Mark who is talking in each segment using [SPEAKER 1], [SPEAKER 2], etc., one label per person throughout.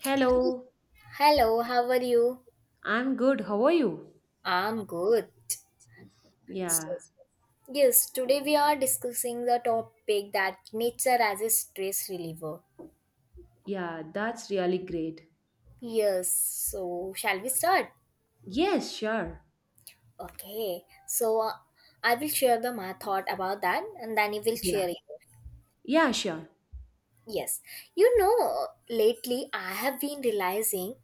[SPEAKER 1] Hello.
[SPEAKER 2] Hello, how are you?
[SPEAKER 1] I'm good. How are you?
[SPEAKER 2] I'm good. So,
[SPEAKER 1] Yeah,
[SPEAKER 2] yes, today we are discussing the topic that nature as a stress reliever.
[SPEAKER 1] yeah, that's really great.
[SPEAKER 2] Yes, so shall we start?
[SPEAKER 1] Yes, sure.
[SPEAKER 2] Okay, I will share the my thought about that and then you will
[SPEAKER 1] Yeah.
[SPEAKER 2] share it.
[SPEAKER 1] Yeah, sure.
[SPEAKER 2] Yes, you know, lately I have been realizing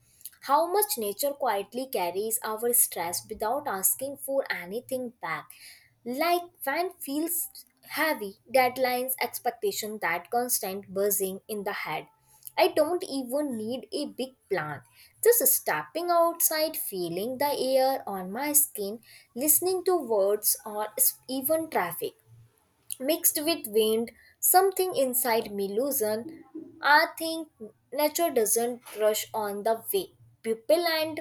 [SPEAKER 2] how much nature quietly carries our stress without asking for anything back. Like when feels heavy, deadlines, expectation, that constant buzzing in the head. I don't even need a big plan. Just stepping outside, feeling the air on my skin, listening to words or even traffic mixed with wind, something inside me loosen. I think nature doesn't rush on the way. People and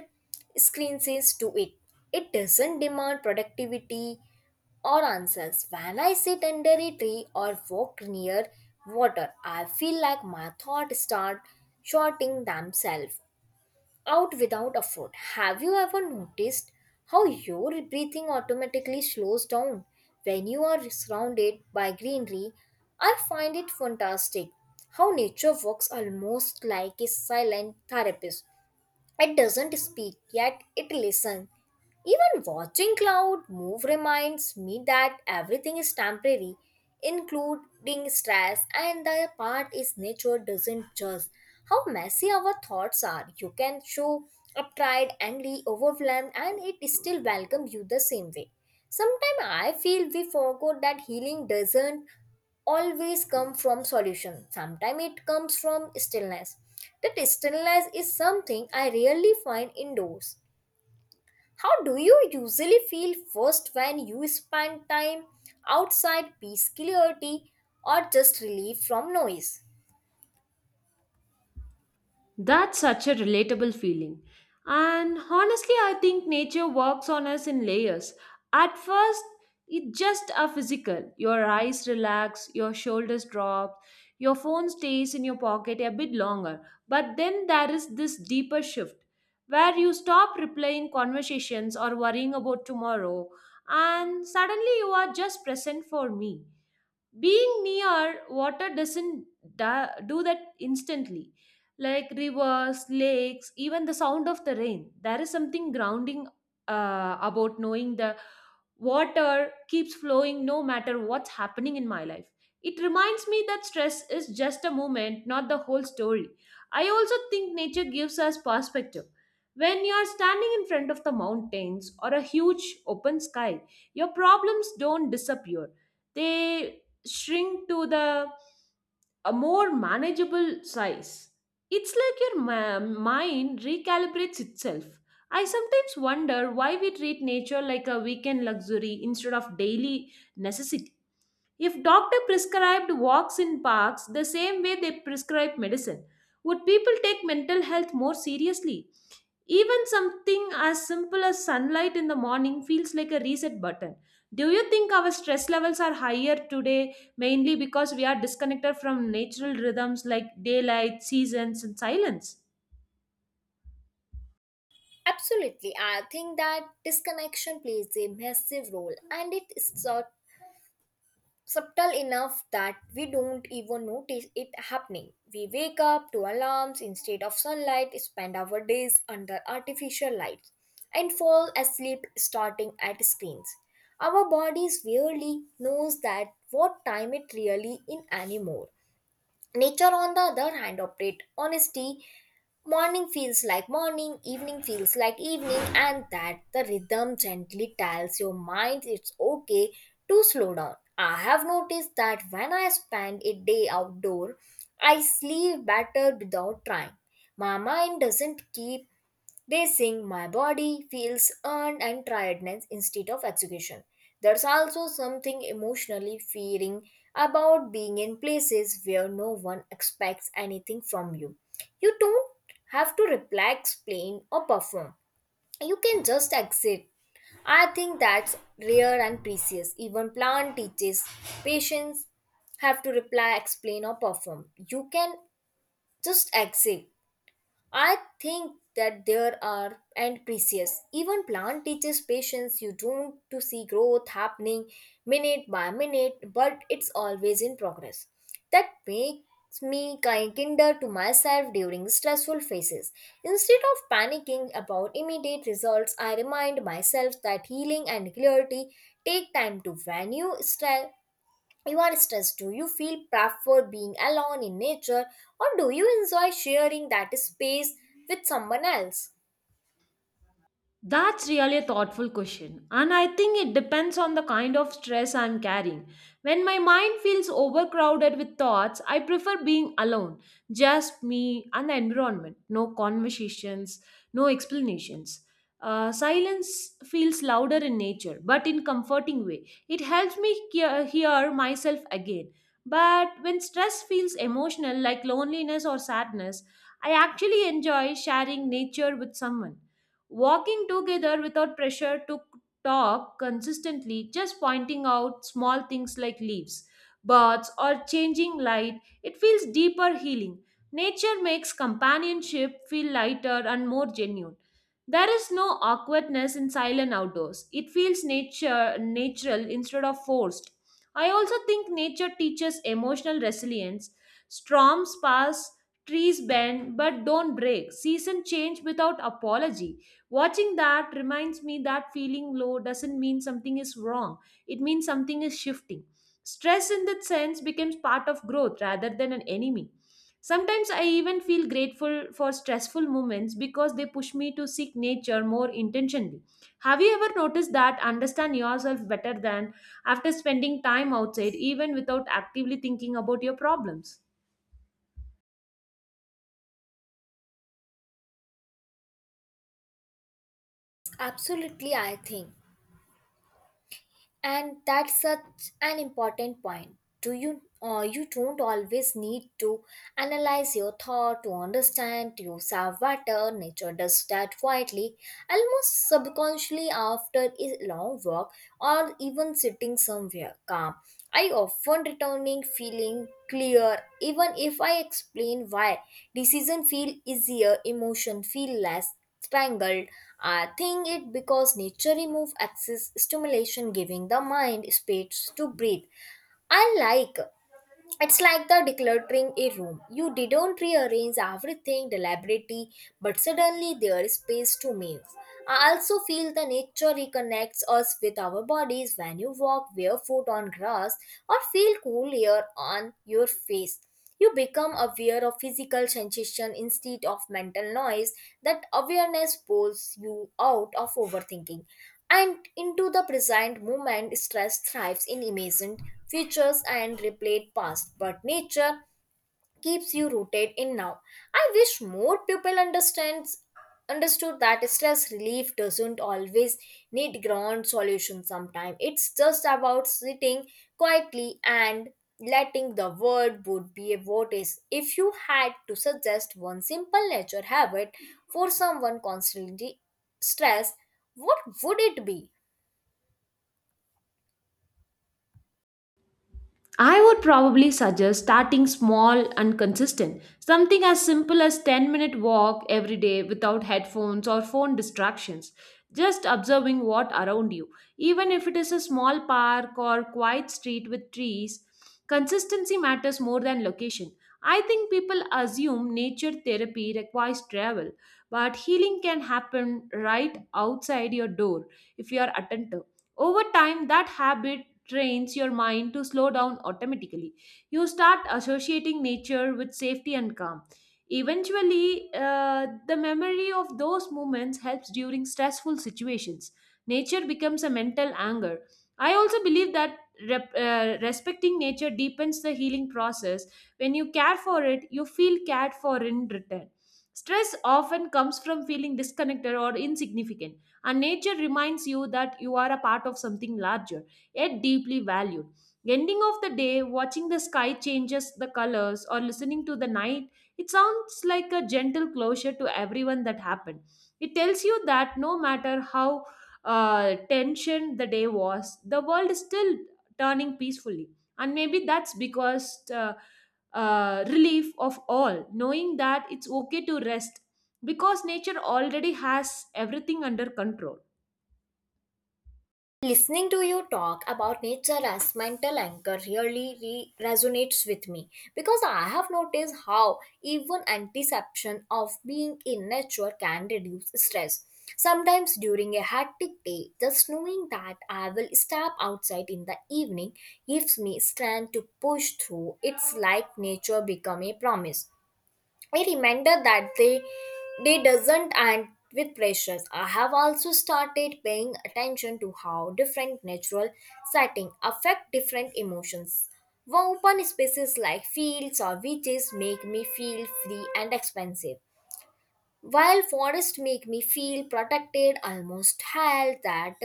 [SPEAKER 2] screen says to it. It doesn't demand productivity or answers. When I sit under a tree or walk near water, I feel like my thoughts start shorting themselves out without effort. Have you ever noticed how your breathing automatically slows down when you are surrounded by greenery? I find it fantastic how nature works almost like a silent therapist. It doesn't speak, yet it listens. Even watching cloud move reminds me that everything is temporary, including stress, and the part is nature doesn't judge. How messy our thoughts are. You can show up tired, angry, overwhelmed, and it still welcomes you the same way. Sometimes I feel we forgot that healing doesn't always come from solution, sometimes it comes from stillness. That stillness is something I rarely find indoors. How do you usually feel first when you spend time outside? Peace, clarity, or just relief from noise?
[SPEAKER 1] That's such a relatable feeling. And honestly, I think nature works on us in layers. At first, it's just a physical. Your eyes relax, your shoulders drop, your phone stays in your pocket a bit longer. But then there is this deeper shift where you stop replaying conversations or worrying about tomorrow, and suddenly you are just present. For me, being near water doesn't do that instantly, like rivers, lakes, even the sound of the rain. There is something grounding about knowing the water keeps flowing no matter what's happening in my life. It reminds me that stress is just a moment, not the whole story. I also think nature gives us perspective. When you're standing in front of the mountains or a huge open sky, your problems don't disappear, they shrink to the a more manageable size. It's like your mind recalibrates itself. I sometimes wonder why we treat nature like a weekend luxury instead of daily necessity. If doctor prescribed walks in parks the same way they prescribe medicine, would people take mental health more seriously? Even something as simple as sunlight in the morning feels like a reset button. Do you think our stress levels are higher today mainly because we are disconnected from natural rhythms like daylight, seasons, and silence?
[SPEAKER 2] Absolutely, I think that disconnection plays a massive role and it is a subtle enough that we don't even notice it happening. We wake up to alarms instead of sunlight, spend our days under artificial lights, and fall asleep starting at screens. Our bodies rarely knows that what time it really in anymore. Nature on the other hand operate honesty. Morning feels like morning, evening feels like evening, and that the rhythm gently tells your mind it's okay to slow down. I have noticed that when I spend a day outdoor, I sleep better without trying. My mind doesn't keep they sing, my body feels earned and tiredness instead of execution. There's also something emotionally fearing about being in places where no one expects anything from you. You don't have to reply, explain, or perform. You can just exit. I think that's rare and precious. Even plant teaches patients have to reply, explain, or perform. You can just exit. I think that there are and precious. Even plant teaches patience. You don't to see growth happening minute by minute, but it's always in progress. That makes me kinder to myself during stressful phases. Instead of panicking about immediate results, I remind myself that healing and clarity take time to when you you are stressed, do you feel prefer being alone in nature or do you enjoy sharing that space with someone else?
[SPEAKER 1] That's really a thoughtful question, and I think it depends on the kind of stress I'm carrying. When my mind feels overcrowded with thoughts, I prefer being alone, just me and the environment. No conversations, no explanations. Silence feels louder in nature, but in comforting way. It helps me hear myself again. But when stress feels emotional, like loneliness or sadness, I actually enjoy sharing nature with someone. Walking together without pressure to talk consistently, just pointing out small things like leaves, birds, or changing light, it feels deeper healing. Nature makes companionship feel lighter and more genuine. There is no awkwardness in silent outdoors. It feels nature natural instead of forced. I also think nature teaches emotional resilience. Storms pass, trees bend but don't break. Season change without apology. Watching that reminds me that feeling low doesn't mean something is wrong. It means something is shifting. Stress in that sense becomes part of growth rather than an enemy. Sometimes I even feel grateful for stressful moments because they push me to seek nature more intentionally. Have you ever noticed that understand yourself better than after spending time outside, even without actively thinking about your problems?
[SPEAKER 2] Absolutely, I think. And that's such an important point. Do you you don't always need to analyze your thought to understand yourself better. Nature does that quietly, almost subconsciously after a long walk or even sitting somewhere calm. I often returning feeling clear even if I explain why. Decision feel easier, emotion feel less strangled. I think it because nature remove excess stimulation, giving the mind space to breathe. I like it's like the decluttering a room. You didn't rearrange everything deliberately, but suddenly there is space to move. I also feel the nature reconnects us with our bodies when you walk barefoot on grass or feel cool air on your face. You become aware of physical sensation instead of mental noise. That awareness pulls you out of overthinking and into the present moment. Stress thrives in imagined futures and replayed past, but nature keeps you rooted in now. I wish more people understands understood that stress relief doesn't always need grand solutions, sometimes it's just about sitting quietly and letting the world would be what is. If you had to suggest one simple nature habit for someone constantly stressed, what would it be?
[SPEAKER 1] I would probably suggest starting small and consistent. Something as simple as 10-minute walk every day without headphones or phone distractions. Just observing what around you. Even if it is a small park or quiet street with trees, consistency matters more than location. I think people assume nature therapy requires travel, but healing can happen right outside your door if you are attentive. Over time, that habit trains your mind to slow down automatically. You start associating nature with safety and calm. Eventually, the memory of those moments helps during stressful situations. Nature becomes a mental anchor. I also believe that respecting nature deepens the healing process. When you care for it, you feel cared for in return. Stress often comes from feeling disconnected or insignificant, and nature reminds you that you are a part of something larger yet deeply valued. Ending of the day, watching the sky changes the colors or listening to the night, it sounds like a gentle closure to everyone that happened. It tells you that no matter how tension the day was, the world is still turning peacefully. And maybe that's because relief of all, knowing that it's okay to rest because nature already has everything under control.
[SPEAKER 2] Listening to you talk about nature as mental anchor really resonates with me because I have noticed how even anticipation of being in nature can reduce stress. Sometimes during a hectic day, just knowing that I will step outside in the evening gives me strength to push through. It's like nature become a promise, a reminder that they doesn't end with pressures. I have also started paying attention to how different natural settings affect different emotions. Open spaces like fields or beaches make me feel free and expansive, while forests make me feel protected, almost held. That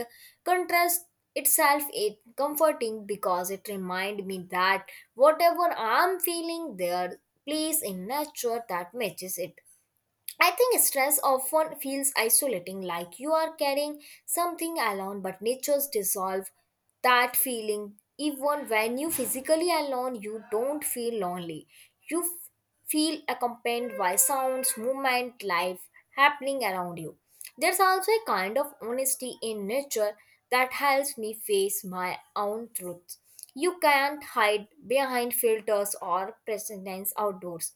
[SPEAKER 2] contrast itself is comforting because it reminds me that whatever I'm feeling, there place in nature that matches it. I think stress often feels isolating, like you are carrying something alone, but natures dissolve that feeling. Even when you physically alone, you don't feel lonely. You feel accompanied by sounds, movement, life happening around you. There's also a kind of honesty in nature that helps me face my own truth. You can't hide behind filters or pretense outdoors.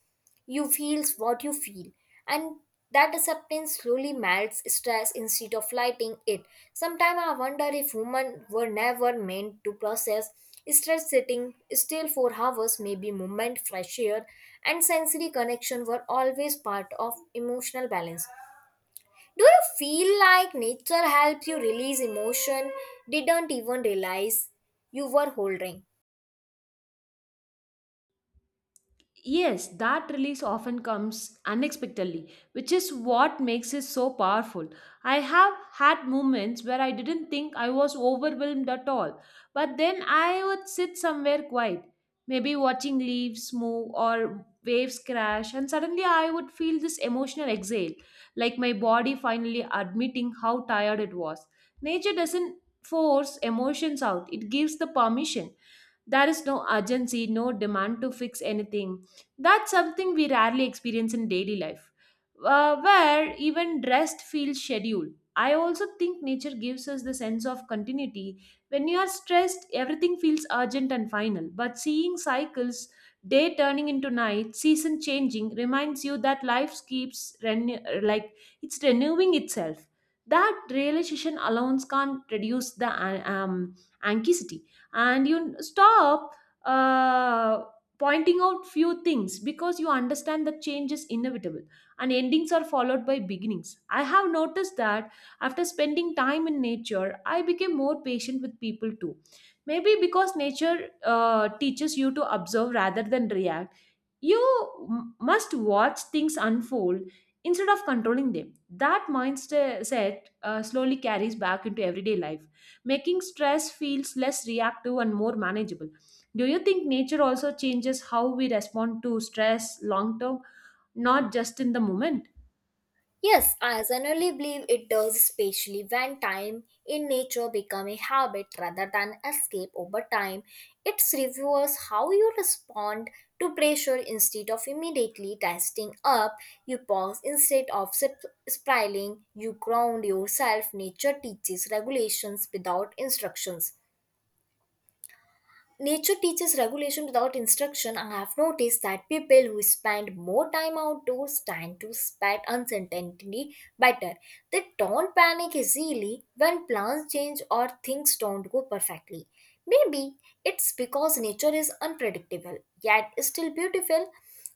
[SPEAKER 2] You feel what you feel, and that acceptance slowly melts stress instead of lighting it. Sometimes I wonder if humans were never meant to process stress sitting still for hours. Maybe movement, fresh air, and sensory connection were always part of emotional balance. Do you feel like nature helps you release emotion didn't even realize you were holding?
[SPEAKER 1] Yes, that release often comes unexpectedly, which is what makes it so powerful. I have had moments where I didn't think I was overwhelmed at all, but then I would sit somewhere quiet, maybe watching leaves move or waves crash, and suddenly I would feel this emotional exhale, like my body finally admitting how tired it was. Nature doesn't force emotions out, it gives the permission. There is no urgency, no demand to fix anything that's something we rarely experience in daily life, where even rest feels scheduled. I also think nature gives us the sense of continuity. When you are stressed, everything feels urgent and final. But seeing cycles, day turning into night, season changing, reminds you that life keeps like it's renewing itself. That realization alone can't reduce the anxiety, and you stop uh, pointing out few things because you understand that change is inevitable and endings are followed by beginnings. I have noticed that after spending time in nature, I became more patient with people too. Maybe because nature teaches you to observe rather than react, you must watch things unfold instead of controlling them. That mindset slowly carries back into everyday life, making stress feels less reactive and more manageable. Do you think nature also changes how we respond to stress long term, not just in the moment?
[SPEAKER 2] Yes, I generally believe it does, especially when time in nature become a habit rather than escape over time. It reviews how you respond to pressure instead of immediately testing up. You pause instead of spiraling. You ground yourself. Nature teaches regulations without instructions. Nature teaches regulation without instruction. I have noticed that people who spend more time outdoors tend to spot uncertainty better. They don't panic easily when plans change or things don't go perfectly. Maybe it's because nature is unpredictable, yet still beautiful.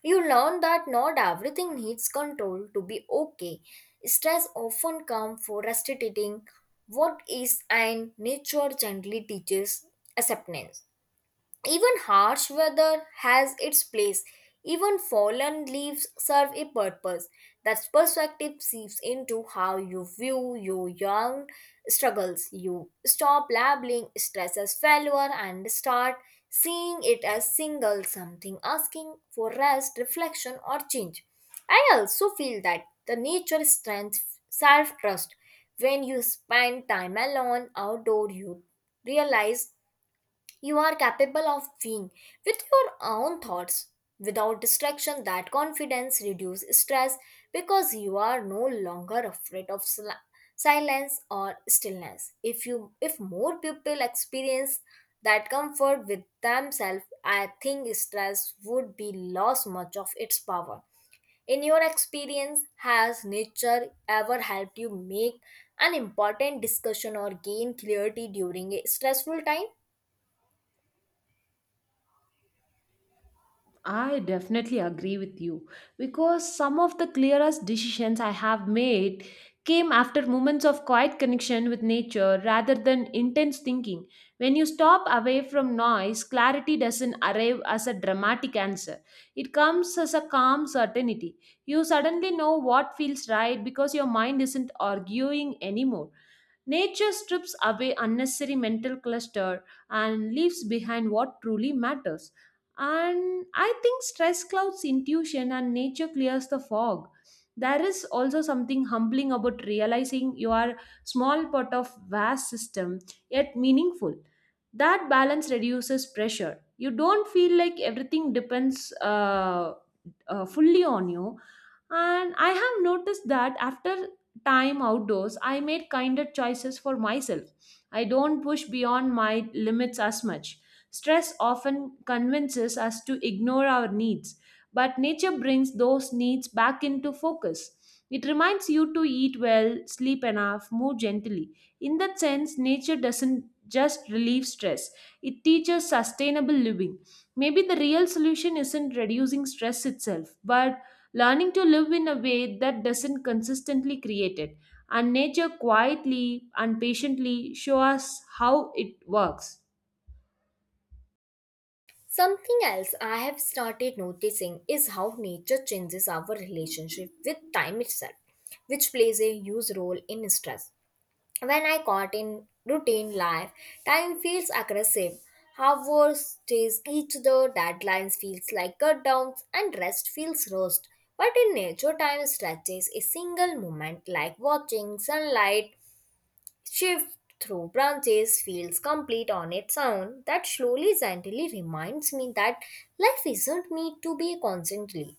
[SPEAKER 2] You learn that not everything needs control to be okay. Stress often comes for restricting what is, and nature gently teaches acceptance. Even harsh weather has its place. Even fallen leaves serve a purpose. That perspective seeps into how you view your young struggles. You stop labeling stress as failure and start seeing it as single something asking for rest, reflection, or change. I also feel that the nature strengthens self trust. When you spend time alone outdoor, you realize you are capable of being with your own thoughts. Without distraction, that confidence reduces stress because you are no longer afraid of silence or stillness. If more people experience that comfort with themselves, I think stress would be lost much of its power. In your experience, has nature ever helped you make an important discussion or gain clarity during a stressful time?
[SPEAKER 1] I definitely agree with you because some of the clearest decisions I have made came after moments of quiet connection with nature rather than intense thinking. When you stop away from noise, clarity doesn't arrive as a dramatic answer, it comes as a calm certainty. You suddenly know what feels right because your mind isn't arguing anymore. Nature strips away unnecessary mental cluster and leaves behind what truly matters. And I think stress clouds intuition and nature clears the fog. There is also something humbling about realizing you are small part of vast system yet meaningful. That balance reduces pressure, you don't feel like everything depends fully on you. And I have noticed that after time outdoors, I made kinder choices for myself. I don't push beyond my limits as much. Stress often convinces us to ignore our needs, but nature brings those needs back into focus. It reminds you to eat well, sleep enough, move gently. In that sense, nature doesn't just relieve stress, it teaches sustainable living. Maybe the real solution isn't reducing stress itself, but learning to live in a way that doesn't consistently create it. And nature quietly and patiently show us how it works.
[SPEAKER 2] Something else I have started noticing is how nature changes our relationship with time itself, which plays a huge role in stress. When I caught in routine life, time feels aggressive. Hours chase each other, deadlines feels like cutdowns, and rest feels rushed. But in nature, time stretches a single moment, like watching sunlight shift through branches feels complete on its own. That slowly, gently reminds me that life isn't need to be constantly.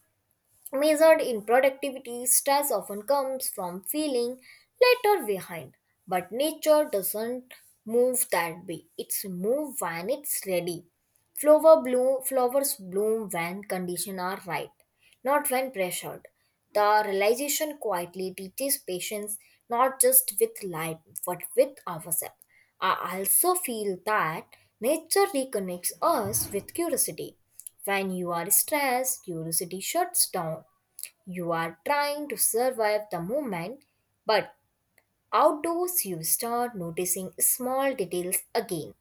[SPEAKER 2] Measured in productivity, stress often comes from feeling later behind. But nature doesn't move that way. It's move when it's ready. Flowers bloom when conditions are right, not when pressured. The realization quietly teaches patience, not just with life but with ourselves. I also feel that nature reconnects us with curiosity. When you are stressed, curiosity shuts down. You are trying to survive the moment, but outdoors you start noticing small details again.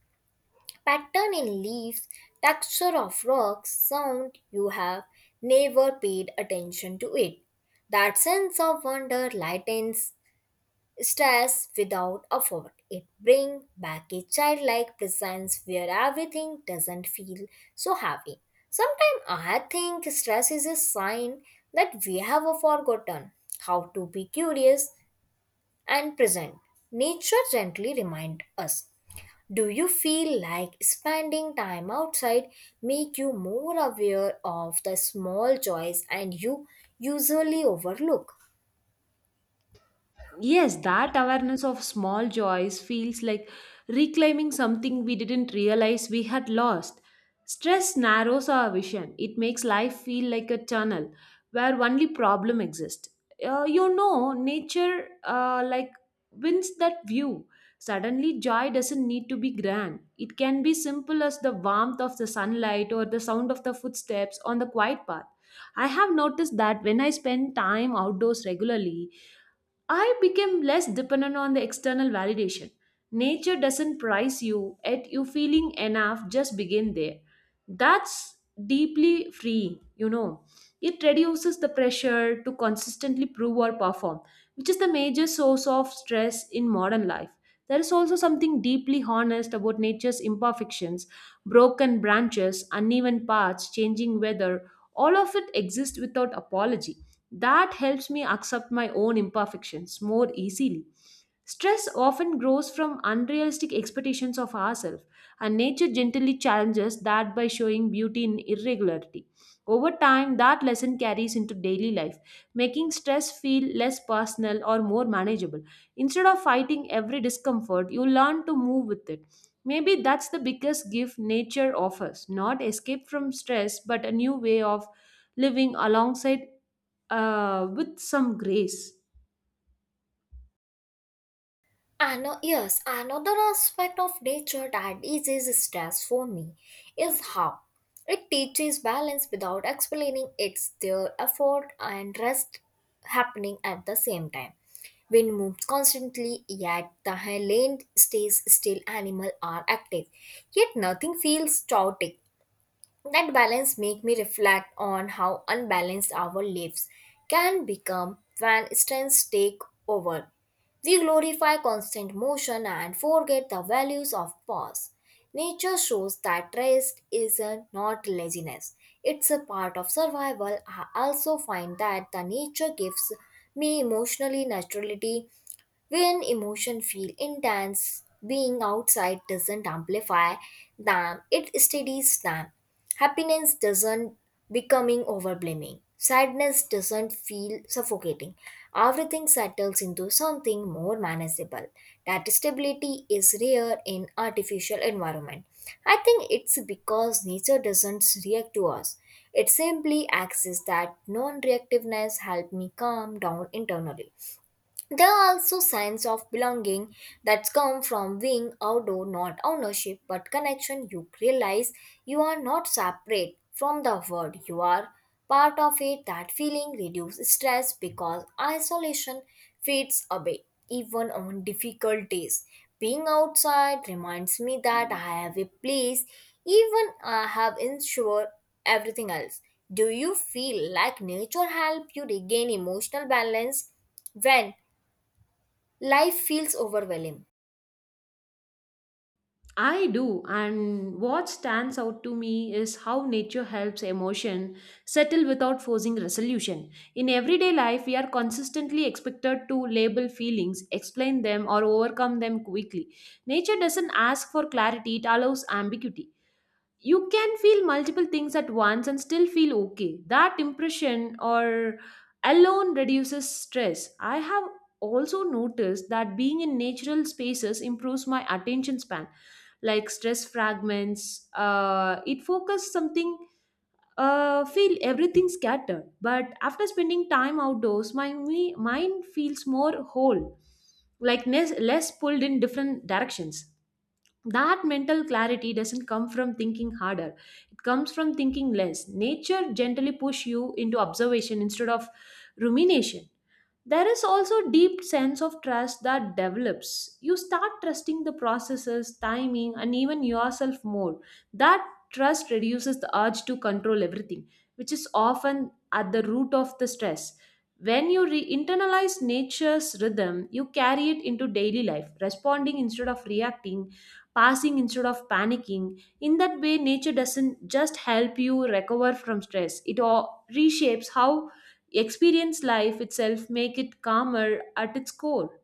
[SPEAKER 2] Pattern in leaves, texture of rocks, sound you have never paid attention to it. That sense of wonder lightens stress without effort. It brings back a childlike presence where everything doesn't feel so heavy. Sometimes I think stress is a sign that we have forgotten how to be curious and present. Nature gently reminds us. Do you feel like spending time outside make you more aware of the small joys and you usually overlook?
[SPEAKER 1] Yes, that awareness of small joys feels like reclaiming something we didn't realize we had lost. Stress narrows our vision, it makes life feel like a tunnel where only problem exists. Nature like wins that view. Suddenly, joy doesn't need to be grand. It can be simple as the warmth of the sunlight or the sound of the footsteps on the quiet path. I have noticed that when I spend time outdoors regularly, I became less dependent on the external validation. Nature doesn't prize you, yet you feeling enough just begin there. That's deeply freeing. It reduces the pressure to consistently prove or perform, which is the major source of stress in modern life. There is also something deeply honest about nature's imperfections, broken branches, uneven paths, changing weather. All of it exists without apology, that helps me accept my own imperfections more easily. Stress often grows from unrealistic expectations of ourselves, and nature gently challenges that by showing beauty in irregularity. Over time, that lesson carries into daily life, making stress feel less personal or more manageable. Instead of fighting every discomfort, you learn to move with it. Maybe that's the biggest gift nature offers, not escape from stress, but a new way of living alongside with some grace.
[SPEAKER 2] Yes, another aspect of nature that is stress for me is how it teaches balance without explaining its their effort and rest happening at the same time. Wind moves constantly, yet the land stays still, animals are active, yet nothing feels chaotic. That balance make me reflect on how unbalanced our lives can become when strengths take over. We glorify constant motion and forget the values of pause. Nature shows that rest is not laziness. It's a part of survival. I also find that the nature gives me emotionally naturality when emotion feel intense, being outside doesn't amplify them, it steadies them. Happiness doesn't becoming overwhelming. Sadness doesn't feel suffocating. Everything settles into something more manageable. That stability is rare in artificial environment. I think it's because nature doesn't react to us. It simply acts that non-reactiveness help me calm down internally. There are also signs of belonging that come from being outdoor, not ownership, but connection. You realize you are not separate from the world, you are part of it. That feeling reduces stress because isolation fades away, even on difficult days. Being outside reminds me that I have a place, even I have ensured everything else. Do you feel like nature help you regain emotional balance when Life feels overwhelming?
[SPEAKER 1] I do, and what stands out to me is how nature helps emotion settle without forcing resolution. In everyday life, we are consistently expected to label feelings, explain them, or overcome them quickly. Nature doesn't ask for clarity, it allows ambiguity. You can feel multiple things at once and still feel okay. That impression or alone reduces stress. I have also noticed that being in natural spaces improves my attention span, like stress fragments. It focuses something. Feel everything scattered, but after spending time outdoors, my mind feels more whole, like less pulled in different directions. That mental clarity doesn't come from thinking harder, it comes from thinking less. Nature gently push you into observation instead of rumination. There is also deep sense of trust that develops, you start trusting the processes timing and even yourself more. That trust reduces the urge to control everything, which is often at the root of the stress. When you internalize nature's rhythm, you carry it into daily life, responding instead of reacting, passing instead of panicking. In that way, nature doesn't just help you recover from stress, it all reshapes how experience life itself, make it calmer at its core.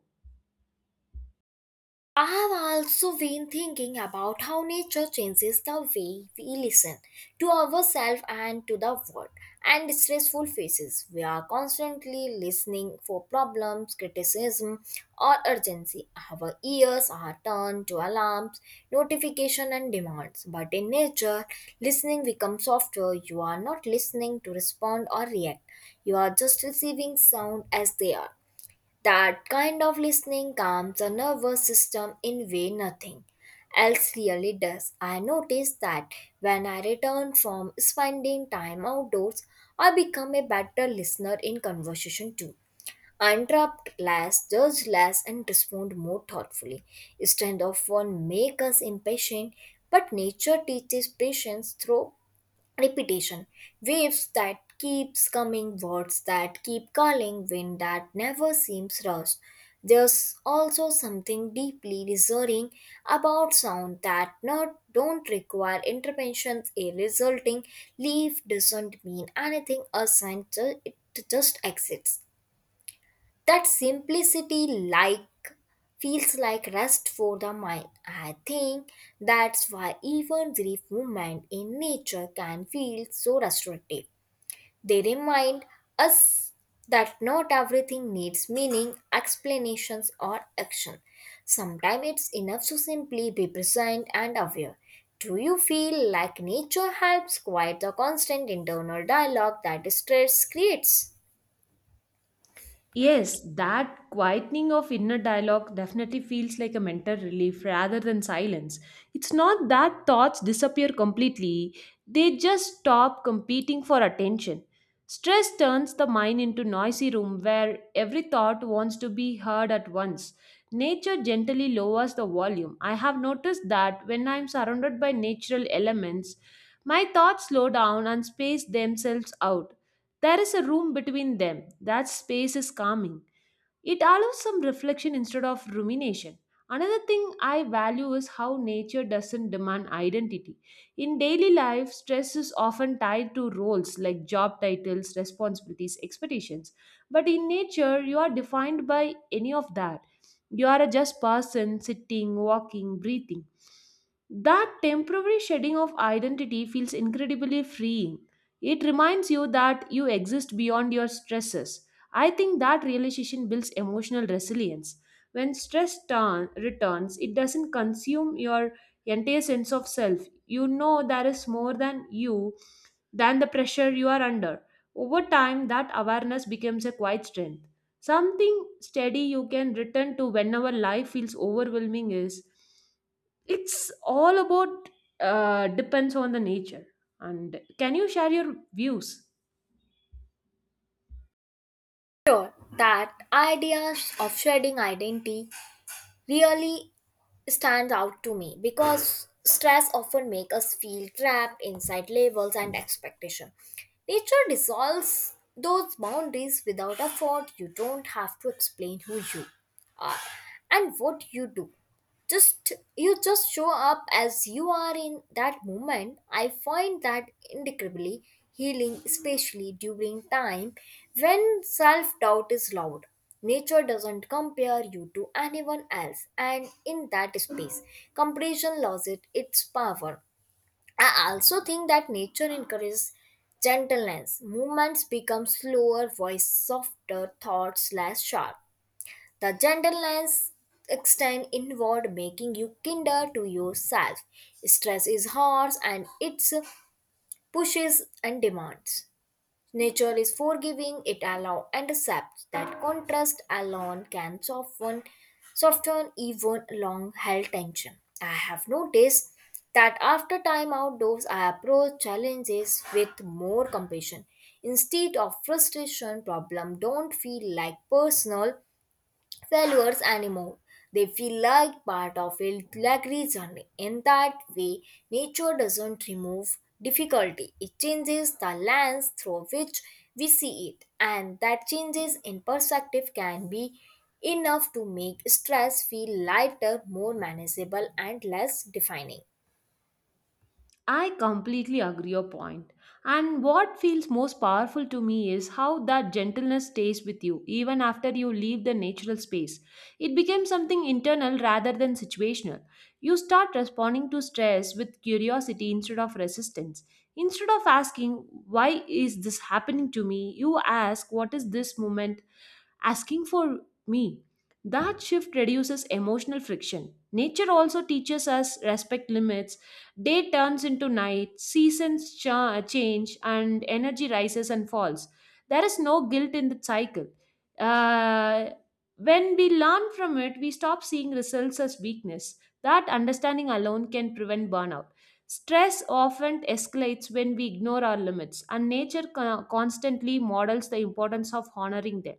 [SPEAKER 2] I have also been thinking about how nature changes the way we listen to ourselves and to the world and stressful phases. We are constantly listening for problems, criticism, or urgency. Our ears are turned to alarms, notification, and demands. But in nature, listening becomes softer. You are not listening to respond or react. You are just receiving sound as they are. That kind of listening calms the nervous system in way nothing else really does. I noticed that when I return from spending time outdoors, I become a better listener in conversation too. I interrupt less, judge less, and respond more thoughtfully. Instead of one make us impatient, but nature teaches patience through repetition, waves that keeps coming, words that keep calling, wind that never seems rushed. There's also something deeply reassuring about sound that not don't require interventions, a resulting leaf doesn't mean anything. A aside, it just exists. That simplicity, like, feels like rest for the mind. I think that's why even brief movement in nature can feel so restorative. They remind us that not everything needs meaning, explanations, or action. Sometimes it's enough to simply be present and aware. Do you feel like nature helps quiet the constant internal dialogue that stress creates?
[SPEAKER 1] Yes, that quietening of inner dialogue definitely feels like a mental relief rather than silence. It's not that thoughts disappear completely, they just stop competing for attention. Stress turns the mind into noisy room where every thought wants to be heard at once. Nature gently lowers the volume. I have noticed that when I am surrounded by natural elements, my thoughts slow down and space themselves out. There is a room between them. That space is calming. It allows some reflection instead of rumination. Another thing I value is how nature doesn't demand identity. In daily life, stress is often tied to roles like job titles, responsibilities, expectations. But in nature, you are defined by any of that. You are a just person sitting, walking, breathing. That temporary shedding of identity feels incredibly freeing. It reminds you that you exist beyond your stresses. I think that realization builds emotional resilience. When stress returns, it doesn't consume your entire sense of self. You know there is more than you, than the pressure you are under. Over time, that awareness becomes a quiet strength. Something steady you can return to whenever life feels overwhelming is. It's all about depends on the nature. And can you share your views?
[SPEAKER 2] Sure. That ideas of shedding identity really stands out to me because stress often makes us feel trapped inside labels and expectation. Nature dissolves those boundaries without effort. You don't have to explain who you are and what you do. Just you just show up as you are in that moment. I find that incredibly healing, especially during time when self-doubt is loud. Nature doesn't compare you to anyone else, and in that space comparison loses its power. I also think that nature encourages gentleness. Movements become slower, voice softer, thoughts less sharp. The gentle lines extend inward, making you kinder to yourself. Stress is harsh and it pushes and demands. Nature is forgiving, it allows and accepts. That contrast alone can soften even long held tension. I have noticed that after time outdoors, I approach challenges with more compassion. Instead of frustration, problem don't feel like personal failures anymore. They feel like part of a luxury journey. In that way, nature doesn't remove difficulty, it changes the lens through which we see it, and that changes in perspective can be enough to make stress feel lighter, more manageable, and less defining.
[SPEAKER 1] I completely agree your point. And what feels most powerful to me is how that gentleness stays with you even after you leave the natural space. It becomes something internal rather than situational. You start responding to stress with curiosity instead of resistance. Instead of asking, why is this happening to me? You ask, what is this moment asking for me? That shift reduces emotional friction. Nature also teaches us respect limits. Day turns into night, seasons change, and energy rises and falls. There is no guilt in the cycle. Uh, when we learn from it, we stop seeing results as weakness. That understanding alone can prevent burnout. Stress often escalates when we ignore our limits, and nature constantly models the importance of honoring them.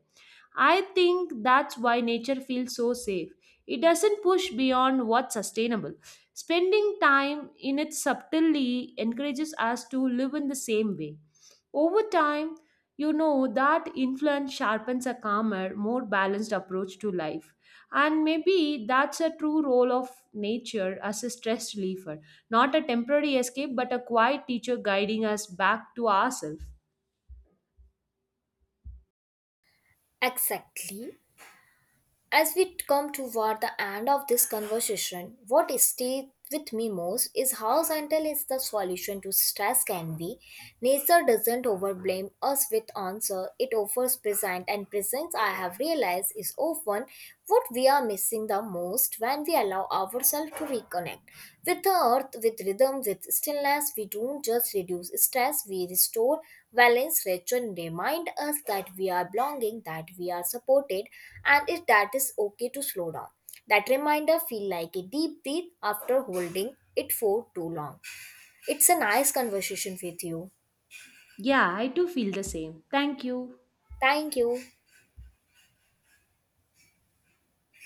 [SPEAKER 1] I think that's why nature feels so safe. It doesn't push beyond what's sustainable. Spending time in it subtly encourages us to live in the same way. Over time, you know that influence sharpens a calmer, more balanced approach to life. And maybe that's a true role of nature as a stress reliever, not a temporary escape, but a quiet teacher guiding us back to ourselves.
[SPEAKER 2] Exactly. As we come toward the end of this conversation, what stays with me most is how gentle is the solution to stress can be. Nature doesn't overblame us with answer, it offers present and presence I have realized is often what we are missing the most. When we allow ourselves to reconnect with the earth, with rhythm, with stillness, we don't just reduce stress, we restore balance, return, remind us that we are belonging, that we are supported, and it, that is okay to slow down. That reminder feel like a deep breath after holding it for too long. It's a nice conversation with you.
[SPEAKER 1] Yeah, I do feel the same. Thank you.
[SPEAKER 2] Thank you.